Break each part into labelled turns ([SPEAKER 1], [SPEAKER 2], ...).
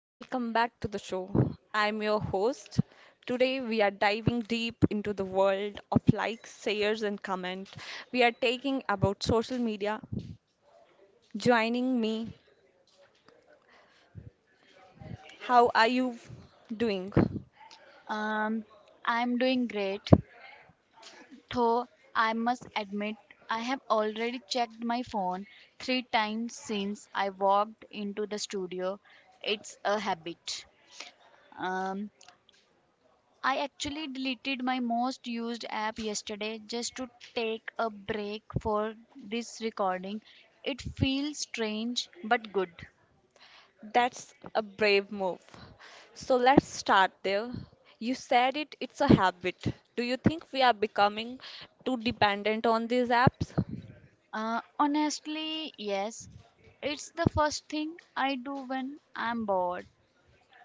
[SPEAKER 1] Welcome back to the show. I'm your host. Today, we are diving deep into the world of likes, shares, and comment. We are taking about social media. Joining me, how are you doing?
[SPEAKER 2] Um, I'm doing great, though I must admit I have already checked my phone three times since I walked into the studio. It's a habit. Um, I actually deleted my most used app yesterday just to take a break for this recording. It feels strange but good.
[SPEAKER 1] That's a brave move. So let's start there. You said it's a habit. Do you think we are becoming too dependent on these apps?
[SPEAKER 2] Honestly, yes. It's the first thing I do when I'm bored.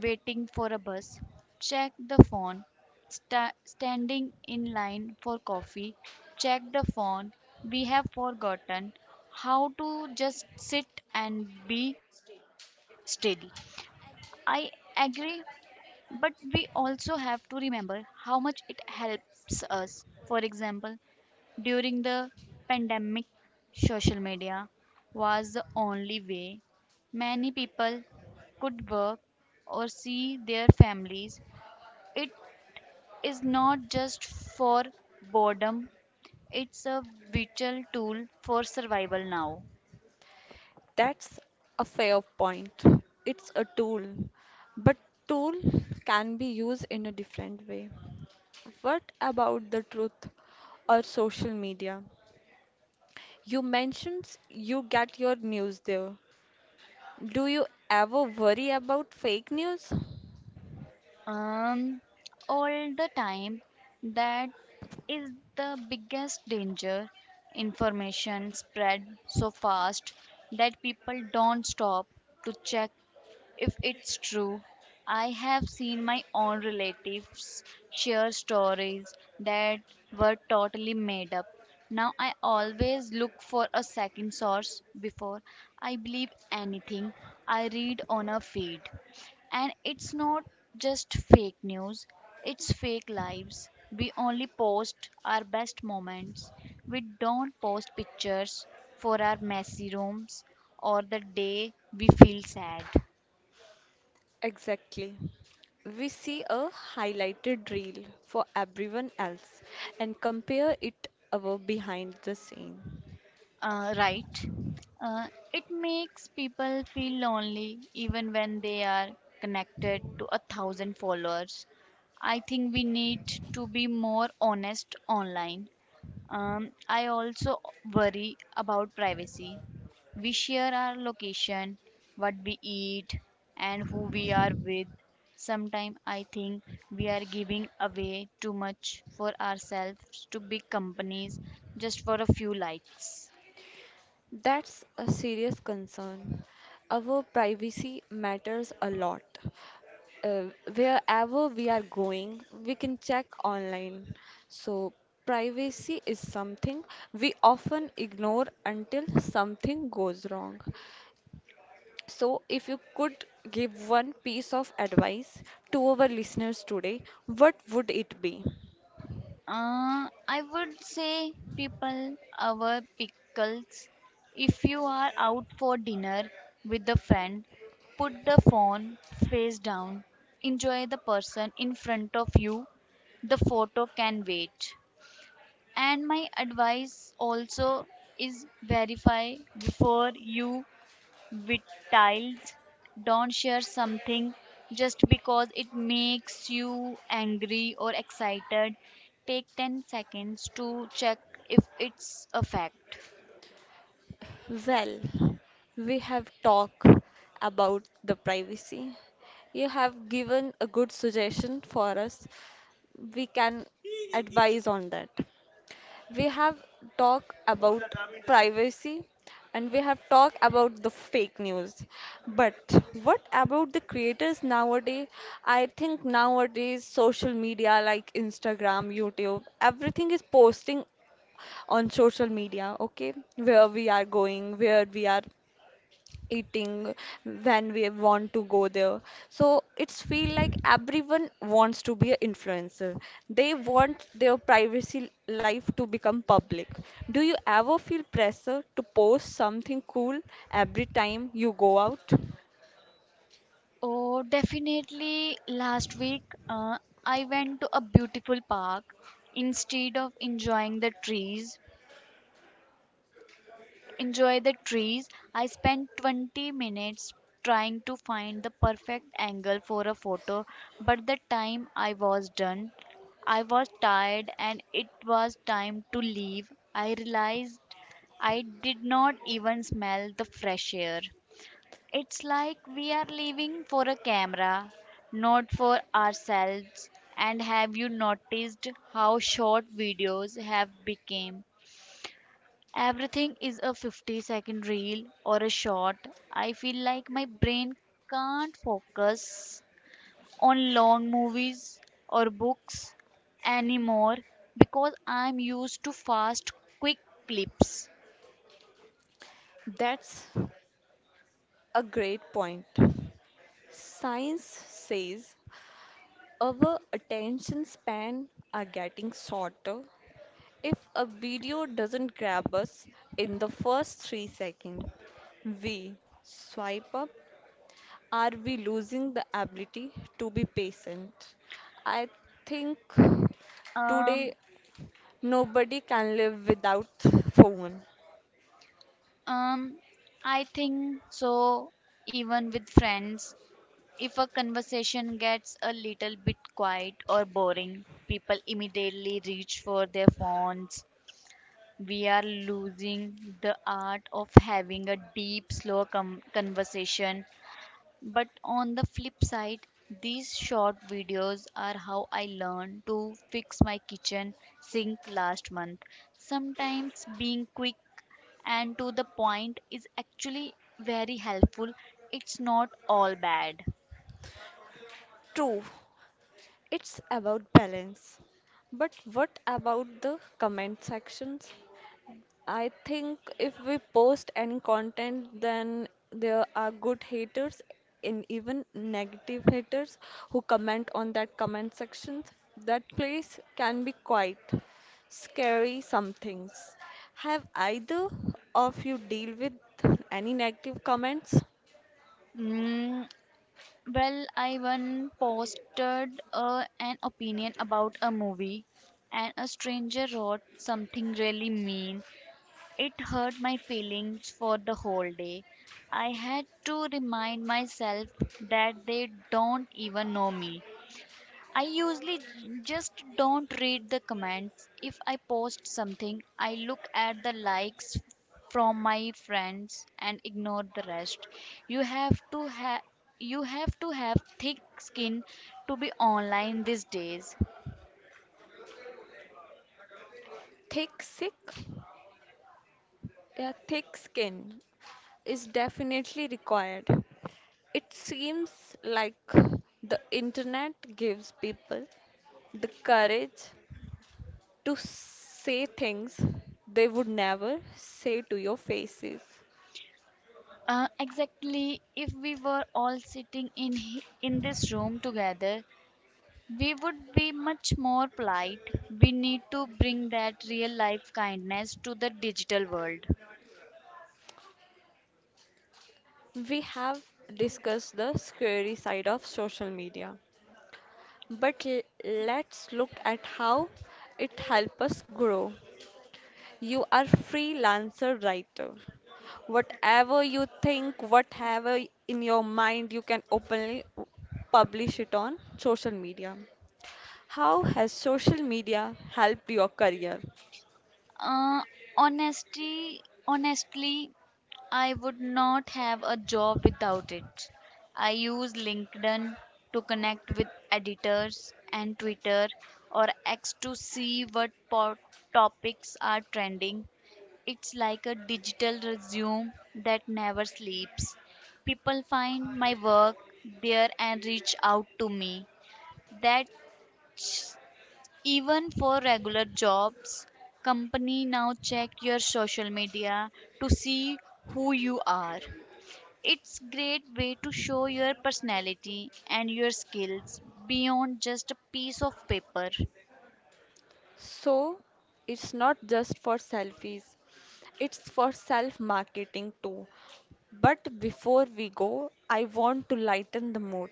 [SPEAKER 2] Waiting for a bus, check the phone, standing in line for coffee, check the phone. We have forgotten how to just sit and be still. I agree, but we also have to remember how much it helps us. For example, during the pandemic, social media was the only way many people could work or see their families. It is not just for boredom, it's a vital tool for survival now.
[SPEAKER 1] That's a fair point. It's a tool, but tool can be used in a different way. What about the truth or social media? You mentioned you get your news there. Do you ever worry about fake news?
[SPEAKER 2] Um, all the time, that is the biggest danger. Information spread so fast that people don't stop to check if it's true. I have seen my own relatives share stories that were totally made up. Now I always look for a second source before I believe anything I read on a feed. And it's not just fake news, it's fake lives. We only post our best moments. We don't post pictures for our messy rooms or the day we feel sad.
[SPEAKER 1] Exactly. We see a highlighted reel for everyone else and compare it our behind the scene.
[SPEAKER 2] Right. Uh, it makes people feel lonely even when they are connected to a thousand followers. I think we need to be more honest online. I also worry about privacy. We share our location, what we eat, and who we are with. Sometimes I think we are giving away too much for ourselves to big companies just for a few likes.
[SPEAKER 1] That's a serious concern. Our privacy matters a lot. Uh, Wherever we are going, we can check online. So, privacy is something we often ignore until something goes wrong. So, if you could give one piece of advice to our listeners today, what would it be?
[SPEAKER 2] I would say people our pickles. If you are out for dinner with a friend, put the phone face down. Enjoy the person in front of you. The photo can wait. And my advice also is verify before you Wild don't share something just because it makes you angry or excited. Take 10 seconds to check if it's a fact.
[SPEAKER 1] Well, we have talked about the privacy. You have given a good suggestion for us. We can advise on that. We have talked about privacy and we have talked about the fake news. But what about the creators nowadays? I think nowadays social media like Instagram, YouTube, everything is posting on social media, okay? Where we are going, where we are eating when we want to go there, so it's feel like everyone wants to be an influencer. They want their privacy life to become public. Do you ever feel pressure to post something cool every time you go out?
[SPEAKER 2] Oh, definitely. Last week, uh, I went to a beautiful park. Instead of enjoying the trees, enjoy the trees. I spent 20 minutes trying to find the perfect angle for a photo, but the time I was done, I was tired and it was time to leave. I realized I did not even smell the fresh air. It's like we are living for a camera, not for ourselves. And have you noticed how short videos have become? Everything is a 50-second reel or a short. I feel like my brain can't focus on long movies or books anymore because I'm used to fast, quick clips.
[SPEAKER 1] That's a great point. Science says our attention span are getting shorter. If a video doesn't grab us in the first 3 seconds, we swipe up. Are we losing the ability to be patient? I think today
[SPEAKER 2] Um,
[SPEAKER 1] nobody can live without phone.
[SPEAKER 2] um, I think so, even with friends. If a conversation gets a little bit quiet or boring, people immediately reach for their phones. We are losing the art of having a deep, slow conversation. But on the flip side, these short videos are how I learned to fix my kitchen sink last month. Sometimes being quick and to the point is actually very helpful. It's not all bad.
[SPEAKER 1] True, it's about balance. But what about the comment sections? I think if we post any content, then there are good haters and even negative haters who comment on that comment section. That place can be quite scary some things. Have either of you deal with any negative comments?
[SPEAKER 2] Mm, Well, I once posted an opinion about a movie, and a stranger wrote something really mean. It hurt my feelings for the whole day. I had to remind myself that they don't even know me. I usually just don't read the comments. If I post something, I look at the likes from my friends and ignore the rest. You have to have You have to have thick skin to be online these days.
[SPEAKER 1] Thick sick? Yeah, thick skin is definitely required. It seems like the internet gives people the courage to say things they would never say to your faces.
[SPEAKER 2] Exactly. If we were all sitting in in this room together, we would be much more polite. We need to bring that real life kindness to the digital world.
[SPEAKER 1] We have discussed the scary side of social media, but let's look at how it helps us grow. You are freelancer writer. Whatever you think, whatever in your mind, you can openly publish it on social media. How has social media helped your career?
[SPEAKER 2] Uh, honesty, honestly, I would not have a job without it. I use LinkedIn to connect with editors and Twitter or X to see what topics are trending. It's like a digital resume that never sleeps. People find my work there and reach out to me. That even for regular jobs, company now check your social media to see who you are. It's great way to show your personality and your skills beyond just a piece of paper.
[SPEAKER 1] So it's not just for selfies, it's for self marketing too. But before we go, I want to lighten the mood.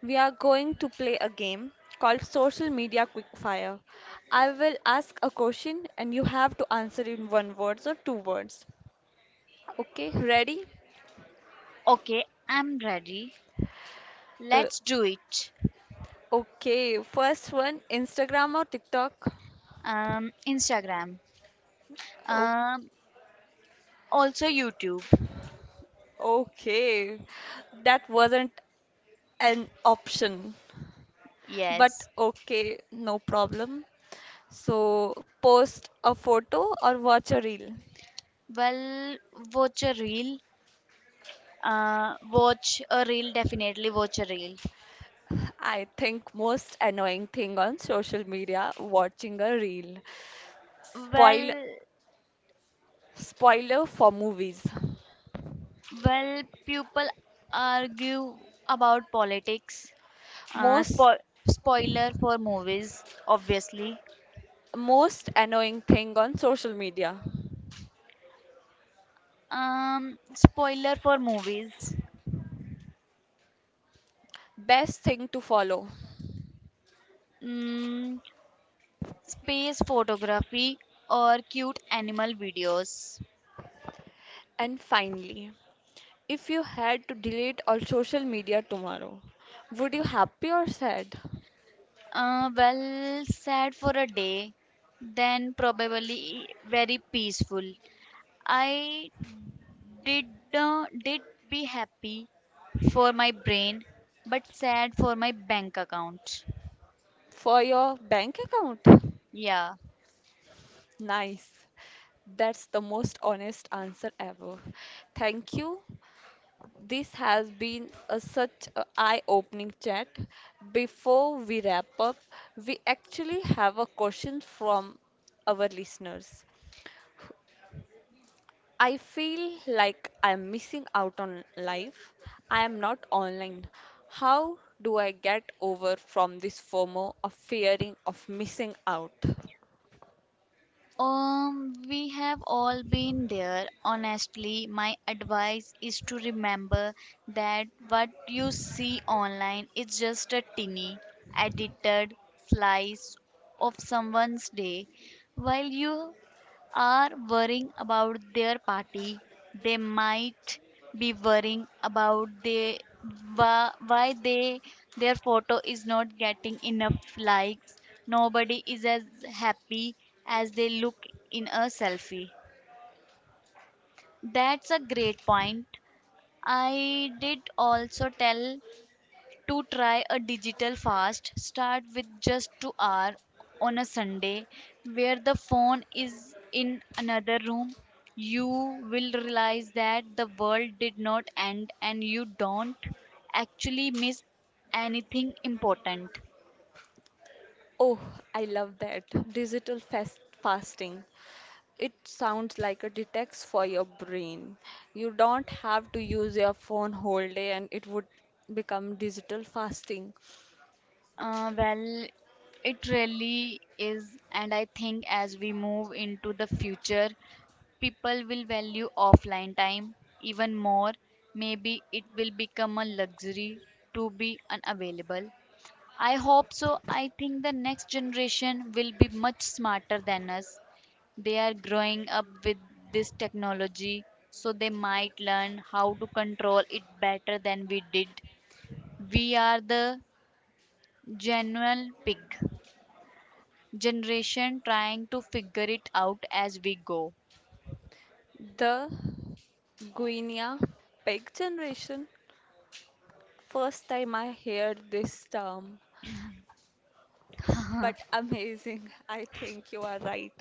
[SPEAKER 1] We are going to play a game called Social Media Quickfire. I will ask a question and you have to answer in one word or two words. Okay, ready?
[SPEAKER 2] Okay, I'm ready.
[SPEAKER 1] Uh,
[SPEAKER 2] Let's do it.
[SPEAKER 1] okay, first one, Instagram or TikTok?
[SPEAKER 2] Instagram.
[SPEAKER 1] O-
[SPEAKER 2] Um, Also YouTube.
[SPEAKER 1] okay, that wasn't an option. But
[SPEAKER 2] Yes.
[SPEAKER 1] okay, no problem. So, post a photo or watch a reel.
[SPEAKER 2] Well, watch a reel. Definitely watch a reel.
[SPEAKER 1] I think most annoying thing on social media, watching a reel. Spoil
[SPEAKER 2] Well,
[SPEAKER 1] Spoiler for movies.
[SPEAKER 2] Well, people argue about politics. Uh,
[SPEAKER 1] Most
[SPEAKER 2] spo- Spoiler for movies, obviously.
[SPEAKER 1] Most annoying thing on social media.
[SPEAKER 2] Spoiler for movies.
[SPEAKER 1] Best thing to follow.
[SPEAKER 2] Mm, Space photography or cute animal videos.
[SPEAKER 1] And finally, if you had to delete all social media tomorrow, would you happy or sad?
[SPEAKER 2] Well, sad for a day, then probably very peaceful. I did uh, did be happy for my brain, but sad for my bank account.
[SPEAKER 1] For your bank account?
[SPEAKER 2] Yeah.
[SPEAKER 1] Nice. That's the most honest answer ever. Thank you. This has been such an eye opening chat. Before we wrap up, we actually have a question from our listeners. I feel like I'm missing out on life. I am not online. How do I get over from this FOMO of fearing of missing out?
[SPEAKER 2] We have all been there. Honestly, my advice is to remember that what you see online is just a tiny, edited slice of someone's day, while you are worrying about their party. They might be worrying about the why they their photo is not getting enough likes. Nobody is as happy as they look in a selfie. That's a great point. I did also tell to try a digital fast start with just 2 hours on a sunday where the phone is in another room. You will realize that the world did not end and you don't actually miss anything important.
[SPEAKER 1] Oh, I love that. Digital fast fasting. It sounds like a detox for your brain. You don't have to use your phone whole day and it would become digital fasting.
[SPEAKER 2] Well, it really is, and I think as we move into the future, people will value offline time even more. Maybe it will become a luxury to be unavailable. I hope so. I think the next generation will be much smarter than us. They are growing up with this technology, so they might learn how to control it better than we did. We are the genuine pig generation trying to figure it out as we go.
[SPEAKER 1] The Guinea pig generation. First time I heard this term, but amazing. I think you are right.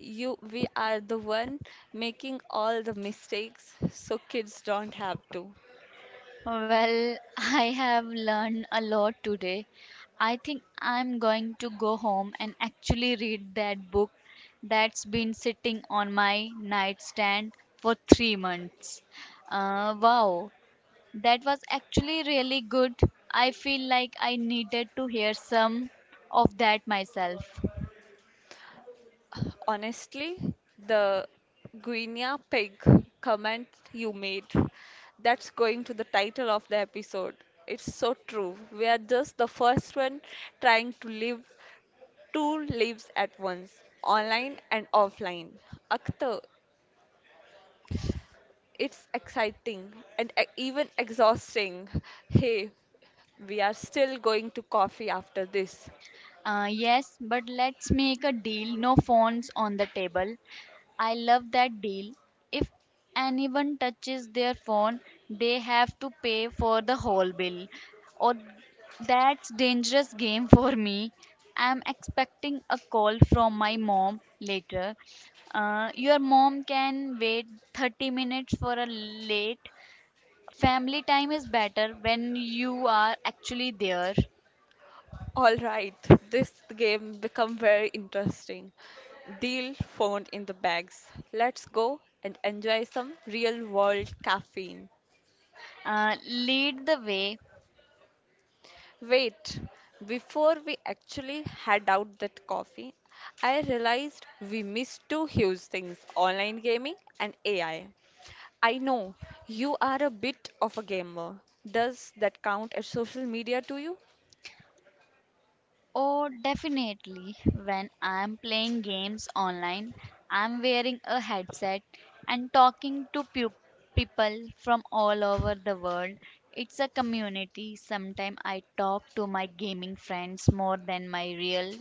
[SPEAKER 1] You We are the one making all the mistakes so kids don't have to.
[SPEAKER 2] Well, I have learned a lot today. I think I'm going to go home and actually read that book that's been sitting on my nightstand for 3 months. Wow, that was actually really good. I feel like I needed to hear some of that myself.
[SPEAKER 1] Honestly, the Guinea pig comment you made, that's going to the title of the episode. It's so true. We are just the first one trying to live two lives at once, online and offline. Akhtar, it's exciting and even exhausting. Hey, we are still going to coffee after this.
[SPEAKER 2] Yes, but let's make a deal, no phones on the table. I love that deal. If anyone touches their phone, they have to pay for the whole bill. Or that's dangerous game for me. I'm expecting a call from my mom later. Your mom can wait 30 minutes for a late. Family time is better when you are actually there.
[SPEAKER 1] All right, this game become very interesting. Deal phone in the bags. Let's go and enjoy some real world caffeine.
[SPEAKER 2] Lead the way.
[SPEAKER 1] Wait, before we actually had out that coffee, I realized we missed two huge things, online gaming and AI. I know you are a bit of a gamer. Does that count as social media to you?
[SPEAKER 2] Oh, definitely. When I'm playing games online, I'm wearing a headset and talking to people from all over the world. It's a community. Sometimes I talk to my gaming friends more than my real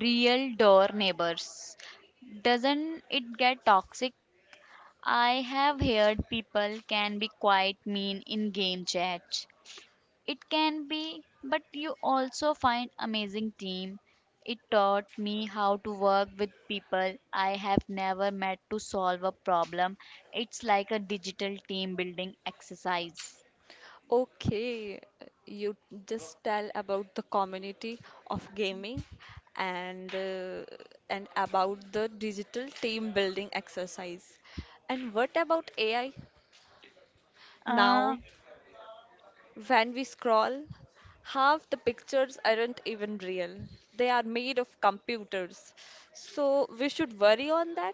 [SPEAKER 2] real door neighbors. Doesn't it get toxic? I have heard people can be quite mean in game chat. It can be, but you also find amazing team. It taught me how to work with people I have never met to solve a problem. It's like a digital team building exercise.
[SPEAKER 1] Okay, you just tell about the community of gaming and and about the digital team building exercise. And what about AI?
[SPEAKER 2] Uh,
[SPEAKER 1] Now, when we scroll, half the pictures aren't even real. They are made of computers. So we should worry on that.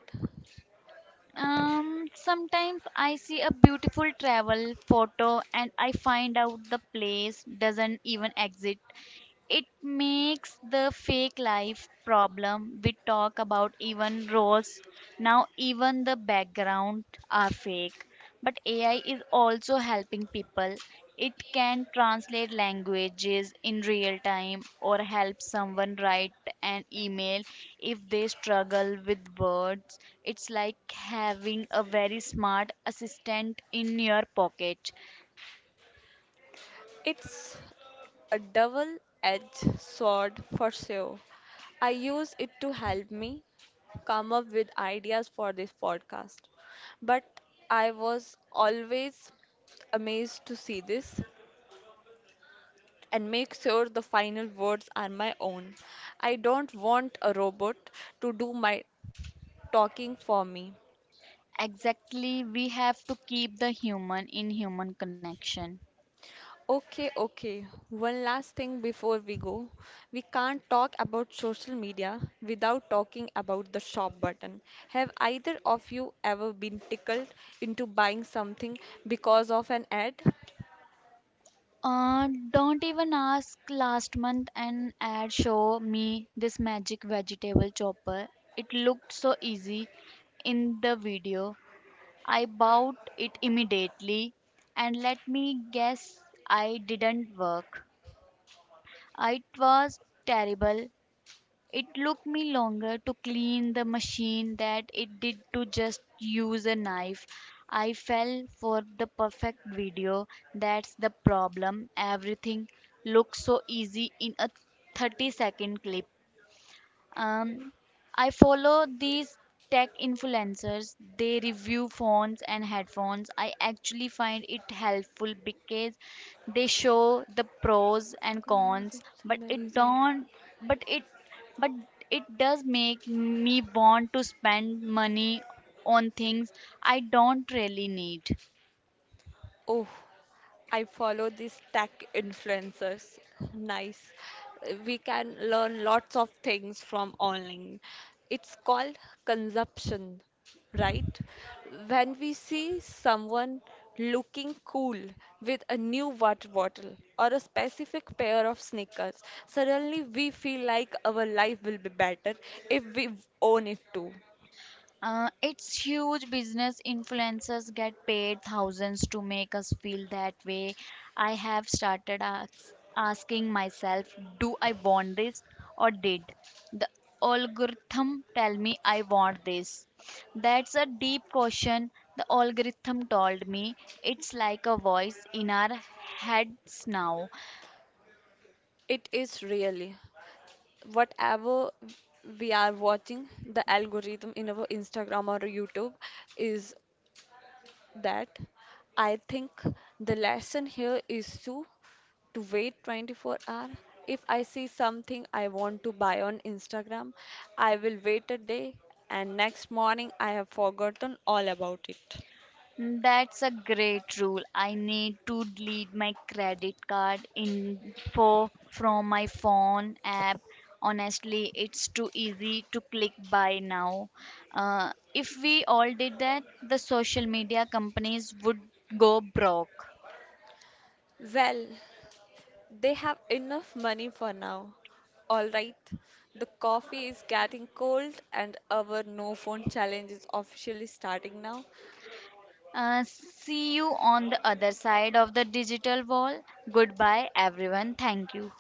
[SPEAKER 2] Sometimes I see a beautiful travel photo and I find out the place doesn't even exist. It makes the fake life problem we talk about even worse. Now, even the background are fake. But AI is also helping people. It can translate languages in real time or help someone write an email if they struggle with words. It's like having a very smart assistant in your pocket.
[SPEAKER 1] It's a double-edged sword for sure. I use it to help me, come up with ideas for this podcast. But I was always amazed to see this and make sure the final words are my own. I don't want a robot to do my talking for me.
[SPEAKER 2] Exactly, we have to keep the human in human connection.
[SPEAKER 1] Okay, okay. One last thing before we go. We can't talk about social media without talking about the shop button. Have either of you ever been tickled into buying something because of an ad?
[SPEAKER 2] Don't even ask, last month an ad show me this magic vegetable chopper. It looked so easy in the video. I bought it immediately and let me guess I didn't work. It was terrible. It took me longer to clean the machine than it did to just use a knife. I fell for the perfect video. That's the problem. Everything looks so easy in a 30-second clip. Um, I follow these tech influencers. They review phones and headphones. I actually find it helpful because they show the pros and
[SPEAKER 1] Crazy
[SPEAKER 2] cons, but it
[SPEAKER 1] minimalism.
[SPEAKER 2] don't but it but it does make me want to spend money on things I don't really need.
[SPEAKER 1] Oh, I follow these tech influencers. Nice. We can learn lots of things from online. It's called consumption, right? When we see someone looking cool with a new water bottle or a specific pair of sneakers, suddenly we feel like our life will be better if we own it too.
[SPEAKER 2] It's huge business influencers get paid thousands to make us feel that way. I have started asking myself, do I want this or did the algorithm tell me I want this? That's a deep question. The algorithm told me it's like a voice in our heads now.
[SPEAKER 1] It is really. Whatever we are watching, the algorithm in our Instagram or YouTube is that, I think the lesson here is to wait 24 hours. If I see something I want to buy on Instagram, I will wait a day and next morning I have forgotten all about it.
[SPEAKER 2] That's a great rule. I need to delete my credit card info from my phone app. Honestly, it's too easy to click buy now. If we all did that, the social media companies would go broke.
[SPEAKER 1] Well, they have enough money for now. Alright, the coffee is getting cold and our no phone challenge is officially starting now.
[SPEAKER 2] See you on the other side of the digital wall. Goodbye, everyone. Thank you.